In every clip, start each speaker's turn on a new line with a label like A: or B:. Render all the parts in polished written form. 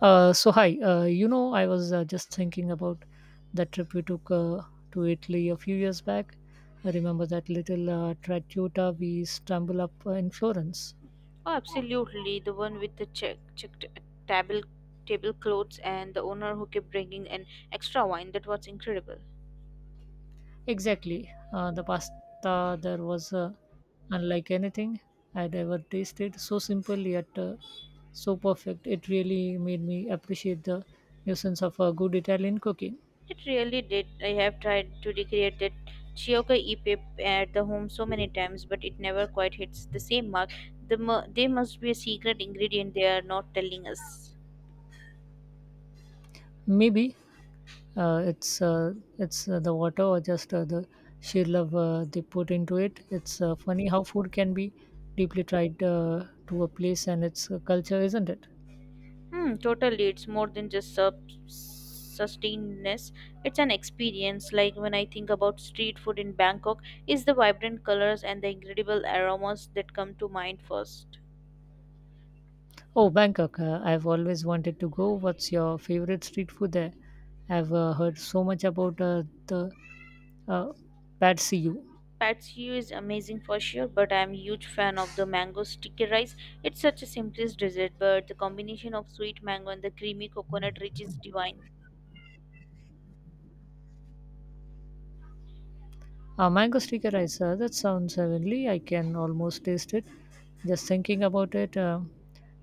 A: So hi, I was just thinking about that trip we took to Italy a few years back. I remember that little trattoria we stumbled up in Florence.
B: Oh, absolutely. The one with the checked table tablecloths and the owner who kept bringing an extra wine. That was incredible.
A: Exactly, the pasta there was unlike anything I'd ever tasted. So simple yet so perfect. It really made me appreciate the nuisance of good Italian cooking.
B: It really did. I have tried to recreate that Chioka epip at the home so many times, but it never quite hits the same mark. There must be a secret ingredient they are not telling us.
A: Maybe uh, it's uh, it's the water or just the sheer love they put into it. It's funny how food can be deeply tied to a place and its culture, isn't it?
B: Hmm, totally. It's more than just sustainedness. It's an experience. Like when I think about street food in Bangkok, it's the vibrant colors and the incredible aromas that come to mind first.
A: Oh, Bangkok! I've always wanted to go. What's your favorite street food there? I've heard so much about the uh, Pad See Ew.
B: Patsy is amazing for sure, but I'm a huge fan of the mango sticky rice. It's such a simplest dessert, but the combination of sweet mango and the creamy coconut rich is divine.
A: A mango sticky rice, that sounds heavenly. I can almost taste it. Just thinking about it,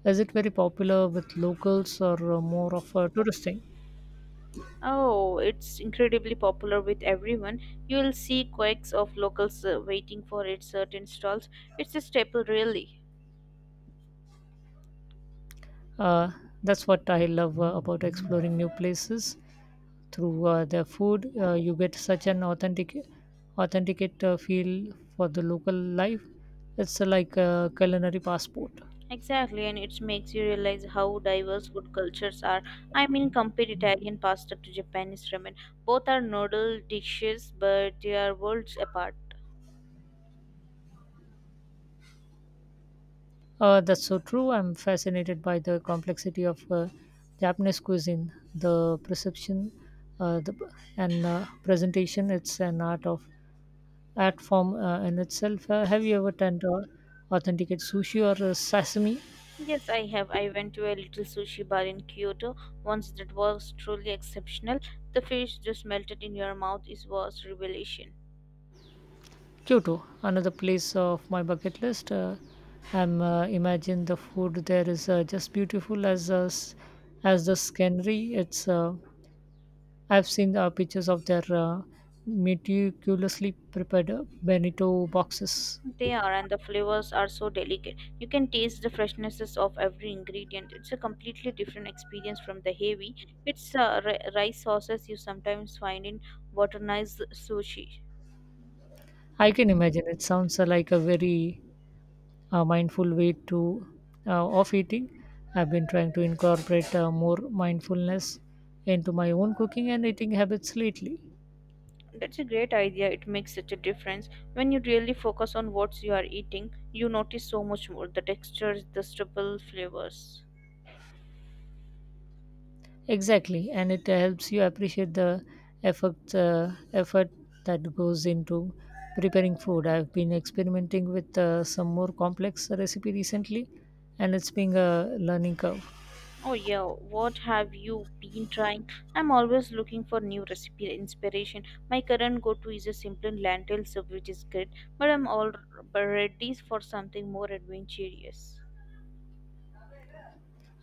A: is it very popular with locals or more of a tourist thing?
B: Oh, it's incredibly popular with everyone. You will see quakes of locals waiting for its certain stalls. It's a staple, really.
A: Uh, that's what I love about exploring new places through their food. You get such an authenticate feel for the local life. It's like a culinary passport.
B: Exactly, and it makes you realize how diverse food cultures are. I mean, compare Italian pasta to Japanese ramen. Both are noodle dishes, but they are worlds apart.
A: That's so true. I'm fascinated by the complexity of Japanese cuisine, the perception, uh, the, and presentation. It's an art form in itself. Have you ever tried authenticate sushi or sashimi?
B: Yes, I have. I went to a little sushi bar in Kyoto once that was truly exceptional. The fish just melted in your mouth. It was revelation.
A: Kyoto, another place of my bucket list. I'm imagine the food there is just beautiful as as the scenery. It's I've seen pictures of their meticulously prepared Benito boxes.
B: They are, and the flavors are so delicate. You can taste the freshnesses of every ingredient. It's a completely different experience from the heavy. It's rice sauces you sometimes find in modernized sushi.
A: I can imagine it sounds like a very mindful way to of eating. I've been trying to incorporate more mindfulness into my own cooking and eating habits lately.
B: That's a great idea. It makes such a difference. When you really focus on what you are eating, you notice so much more the textures, the stubble flavors.
A: Exactly, and it helps you appreciate the effort that goes into preparing food. I've been experimenting with some more complex recipe recently, and it's been a learning curve.
B: Oh yeah, what have you been trying? I'm always looking for new recipe inspiration. My current go-to is a simple lentil soup, which is great, but I'm all ready for something more adventurous.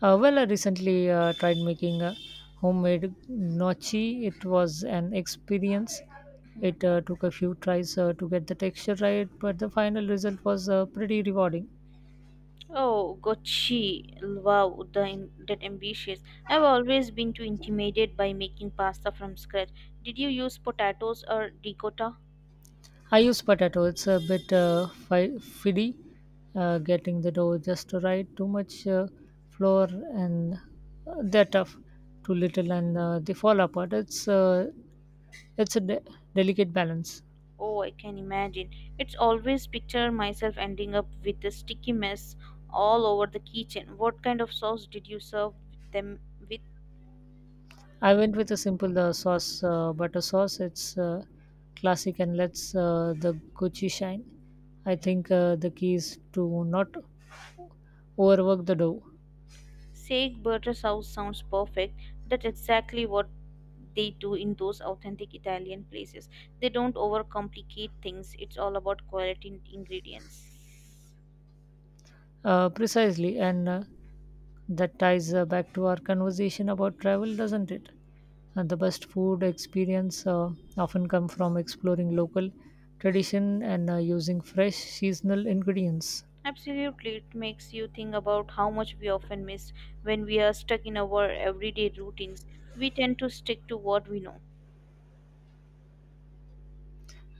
A: Well, I recently tried making a homemade gnocchi. It was an experience. It
B: Hmm.
A: took a few tries to get the texture right, but the final result was pretty rewarding.
B: Oh, gochi! Wow, that ambitious! I've always been too intimidated by making pasta from scratch. Did you use potatoes or ricotta?
A: I use potato. It's a bit fiddly getting the dough just right. Too much flour and they're tough. Too little and they fall apart. It's a delicate balance.
B: Oh, I can imagine. It's always picture myself ending up with a sticky mess all over the kitchen. What kind of sauce did you serve them with?
A: I went with a simple butter sauce. It's classic and lets the Gucci shine. I think the key is to not overwork the dough.
B: Sage butter sauce sounds perfect. That's exactly what they do in those authentic Italian places. They don't overcomplicate things. It's all about quality and ingredients.
A: Precisely, and that ties back to our conversation about travel, doesn't it? And the best food experience often come from exploring local tradition and using fresh seasonal ingredients.
B: Absolutely, it makes you think about how much we often miss when we are stuck in our everyday routines. We tend to stick to what we know.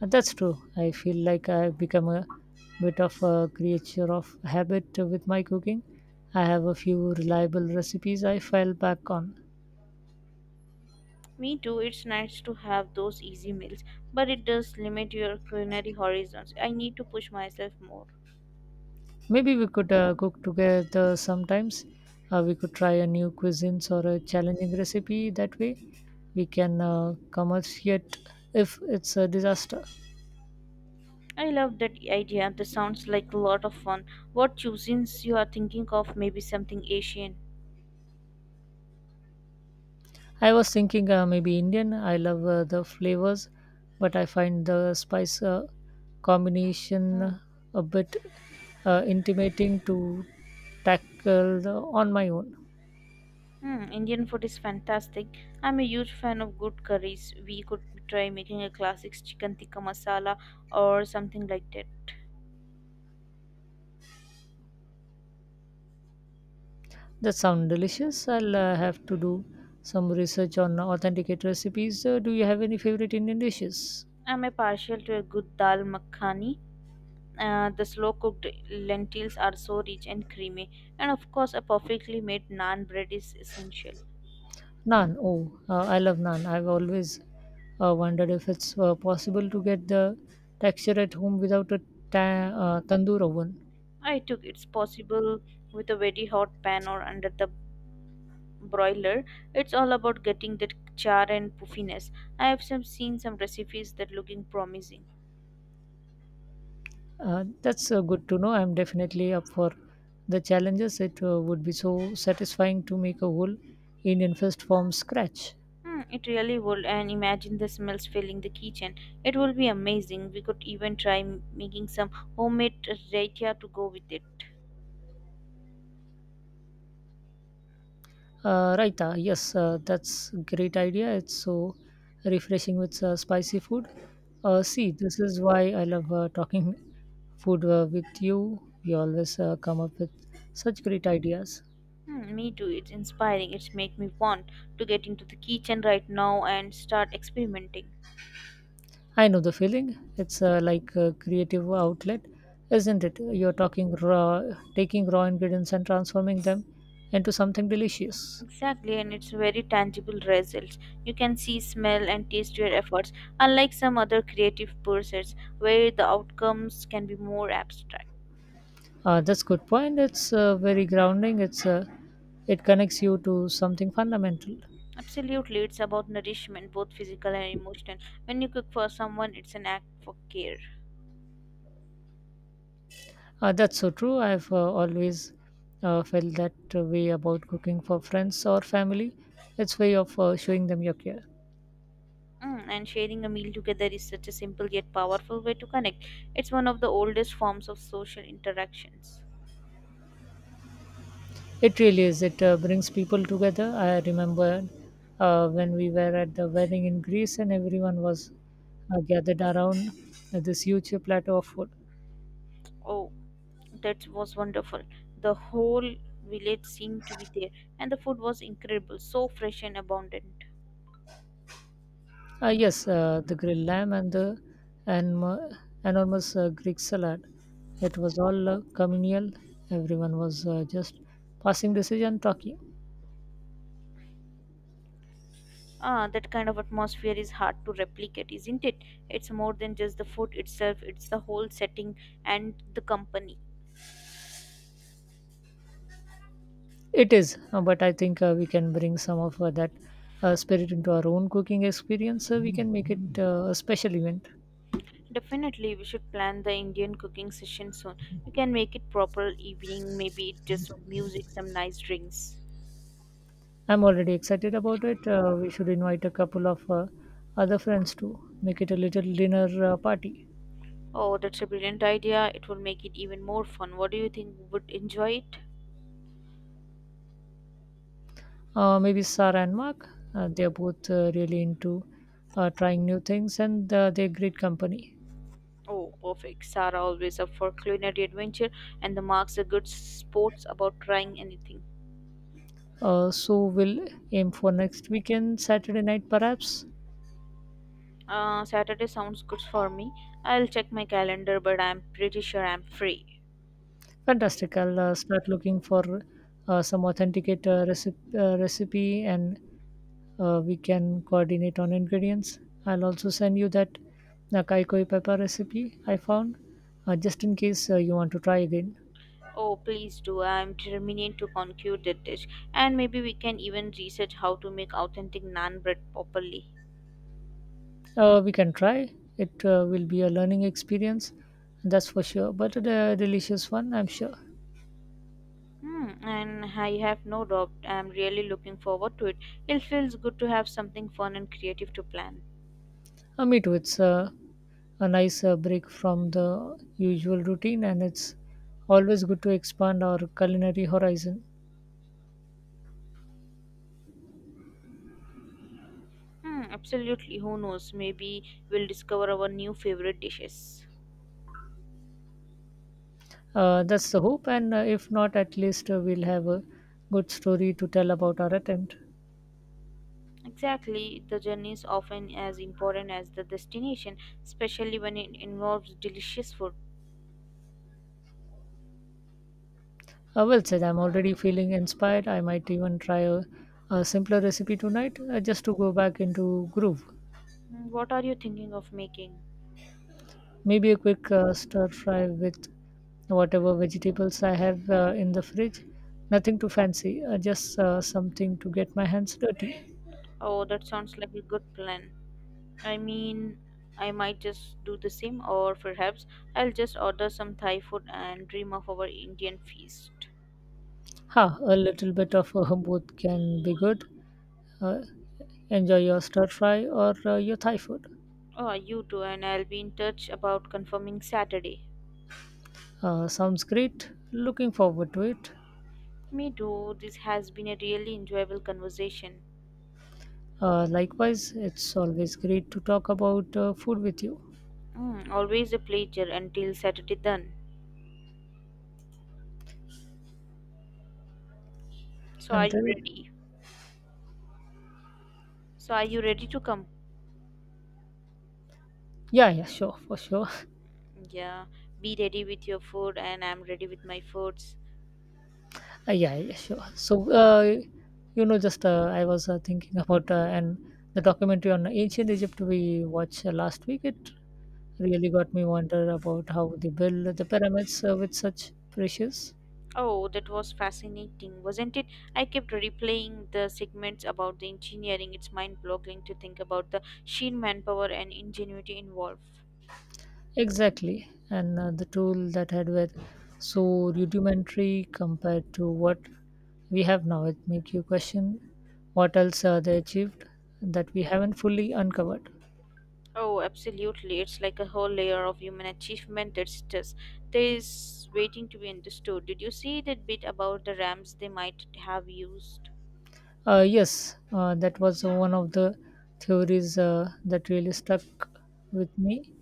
A: And that's true. I feel like I've become a bit of a creature of habit with my cooking. I have a few reliable recipes I fall back on.
B: Me too, it's nice to have those easy meals, but it does limit your culinary horizons. I need to push myself more.
A: Maybe we could cook together sometimes. We could try a new cuisines or a challenging recipe. That way, we can commerciate if it's a disaster.
B: I love that idea. That sounds like a lot of fun. What cuisines you are thinking of? Maybe something Asian.
A: I was thinking maybe Indian. I love the flavors, but I find the spice
B: Hmm.
A: combination a bit intimidating to tackle the, on my own.
B: Hmm. Indian food is fantastic. I'm a huge fan of good curries. We could try making a classic chicken tikka masala or something like that.
A: That sounds delicious. I'll have to do some research on authenticate recipes. Do you have any favorite Indian dishes?
B: I'm a partial to a good dal makhani. The slow cooked lentils are so rich and creamy, and of course, a perfectly made naan bread is essential.
A: Naan. Oh, I love naan. I've always wondered if it's possible to get the texture at home without a tandoor oven.
B: I took it's possible with a very hot pan or under the broiler. It's all about getting that char and puffiness. I have some, seen some recipes that looking promising.
A: That's good to know. I'm definitely up for the challenges. It would be so satisfying to make a whole Indian feast from scratch.
B: Hmm, it really would, and imagine the smells filling the kitchen. It will be amazing. We could even try making some homemade raita to go with it.
A: Raita, yes, that's great idea. It's so refreshing with spicy food. See, this is why I love talking food with you. You always come up with such great ideas.
B: Hmm, me too. It's inspiring. It's make me want to get into the kitchen right now and start experimenting.
A: I know the feeling. It's like a creative outlet, isn't it? Taking raw ingredients and transforming them into something delicious.
B: Exactly, and it's very tangible results. You can see, smell, and taste your efforts, unlike some other creative pursuits where the outcomes can be more abstract.
A: That's good point. It's very grounding. It's it connects you to something fundamental.
B: Absolutely, it's about nourishment, both physical and emotional. When you cook for someone, it's an act for care.
A: That's so true. I've always felt that way about cooking for friends or family. It's way of showing them your care.
B: Mm, and sharing a meal together is such a simple yet powerful way to connect. It's one of the oldest forms of social interactions.
A: It really is. It brings people together. I remember when we were at the wedding in Greece and everyone was gathered around this huge platter of food.
B: Oh. That was wonderful. The whole village seemed to be there, and the food was incredible, so fresh and abundant.
A: Yes, the grilled lamb and and mo- enormous Greek salad. It was all communal. Everyone was just passing decision talking.
B: Ah, that kind of atmosphere is hard to replicate, isn't it? It's more than just the food itself, it's the whole setting and the company.
A: It is, but I think we can bring some of that spirit into our own cooking experience. So we can make it a special event.
B: Definitely, we should plan the Indian cooking session soon. We can make it proper evening, maybe just some music, some nice drinks.
A: I'm already excited about it. We should invite a couple of other friends to make it a little dinner party.
B: Oh, that's a brilliant idea. It will make it even more fun. What do you think would enjoy it?
A: Maybe Sarah and Mark. They are both really into trying new things and they're great company.
B: Oh, perfect. Sarah always up for culinary adventure, and the Mark's a good sports about trying anything.
A: So we'll aim for next weekend, Saturday night perhaps.
B: Saturday sounds good for me. I'll check my calendar, but I'm pretty sure I'm free.
A: Fantastic. I'll start looking for some authenticate recipe and we can coordinate on ingredients. I'll also send you that kaikoi pepper recipe I found just in case you want to try again.
B: Oh, please do. I'm determined to conquer that dish, and maybe we can even research how to make authentic naan bread properly.
A: We can try. It will be a learning experience, that's for sure, but a delicious one, I'm sure.
B: Hmm, and I have no doubt. I'm really looking forward to it. It feels good to have something fun and creative to plan.
A: Me too. It's a nice break from the usual routine and it's always good to expand our culinary horizon.
B: Hmm, absolutely. Who knows? Maybe we'll discover our new favorite dishes.
A: That's the hope, and if not, at least we'll have a good story to tell about our attempt.
B: Exactly. The journey is often as important as the destination, especially when it involves delicious food.
A: Well said, I'm already feeling inspired. I might even try a simpler recipe tonight just to go back into groove.
B: Hmm, what are you thinking of making?
A: Maybe a quick stir fry with whatever vegetables I have in the fridge. Nothing too fancy, just something to get my hands dirty.
B: Oh, that sounds like a good plan. I mean, I might just do the same, or perhaps I'll just order some Thai food and dream of our Indian feast.
A: Ha, a little bit of both can be good. Uh, enjoy your stir fry or your Thai food.
B: Oh, you too, and I'll be in touch about confirming Saturday.
A: Sounds great. Looking forward to it.
B: Me too. This has been a really enjoyable conversation.
A: Likewise, it's always great to talk about food with you.
B: Mm, always a pleasure until Saturday then. So are you
A: Until
B: ready? So are you ready to come?
A: yeah, yeah, sure, for sure.
B: Yeah, be ready with your food and I'm ready with my foods.
A: Yeah, yeah, sure. So, you know, just I was thinking about and the documentary on ancient Egypt we watched last week. It really got me wonder about how they built the pyramids with such precious.
B: Oh, that was fascinating, wasn't it? I kept replaying the segments about the engineering. It's mind-boggling to think about the sheer manpower and ingenuity involved.
A: Exactly. And the tool that had were so rudimentary compared to what we have now. It make you question what else they achieved that we haven't fully uncovered.
B: Oh, absolutely. It's like a whole layer of human achievement that's just there is waiting to be understood. Did you see that bit about the ramps they might have used?
A: Yes, that was one of the theories that really stuck with me.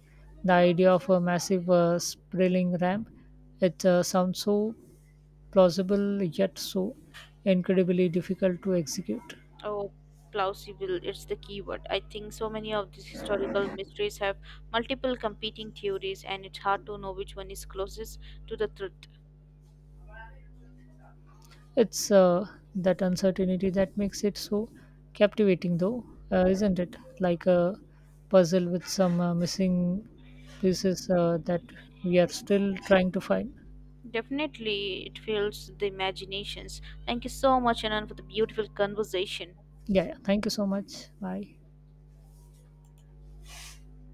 A: The idea of a massive spiraling ramp. It sounds so plausible yet so incredibly difficult to execute.
B: Oh, plausible, it's the keyword. I think so many of these historical mysteries have multiple competing theories, and it's hard to know which one is closest to the truth.
A: It's that uncertainty that makes it so captivating, though, isn't it? Like a puzzle with some missing pieces that we are still trying to find.
B: Definitely, it fills the imaginations. Thank you so much, Anand, for the beautiful conversation.
A: Yeah, yeah. Thank you so much. Bye.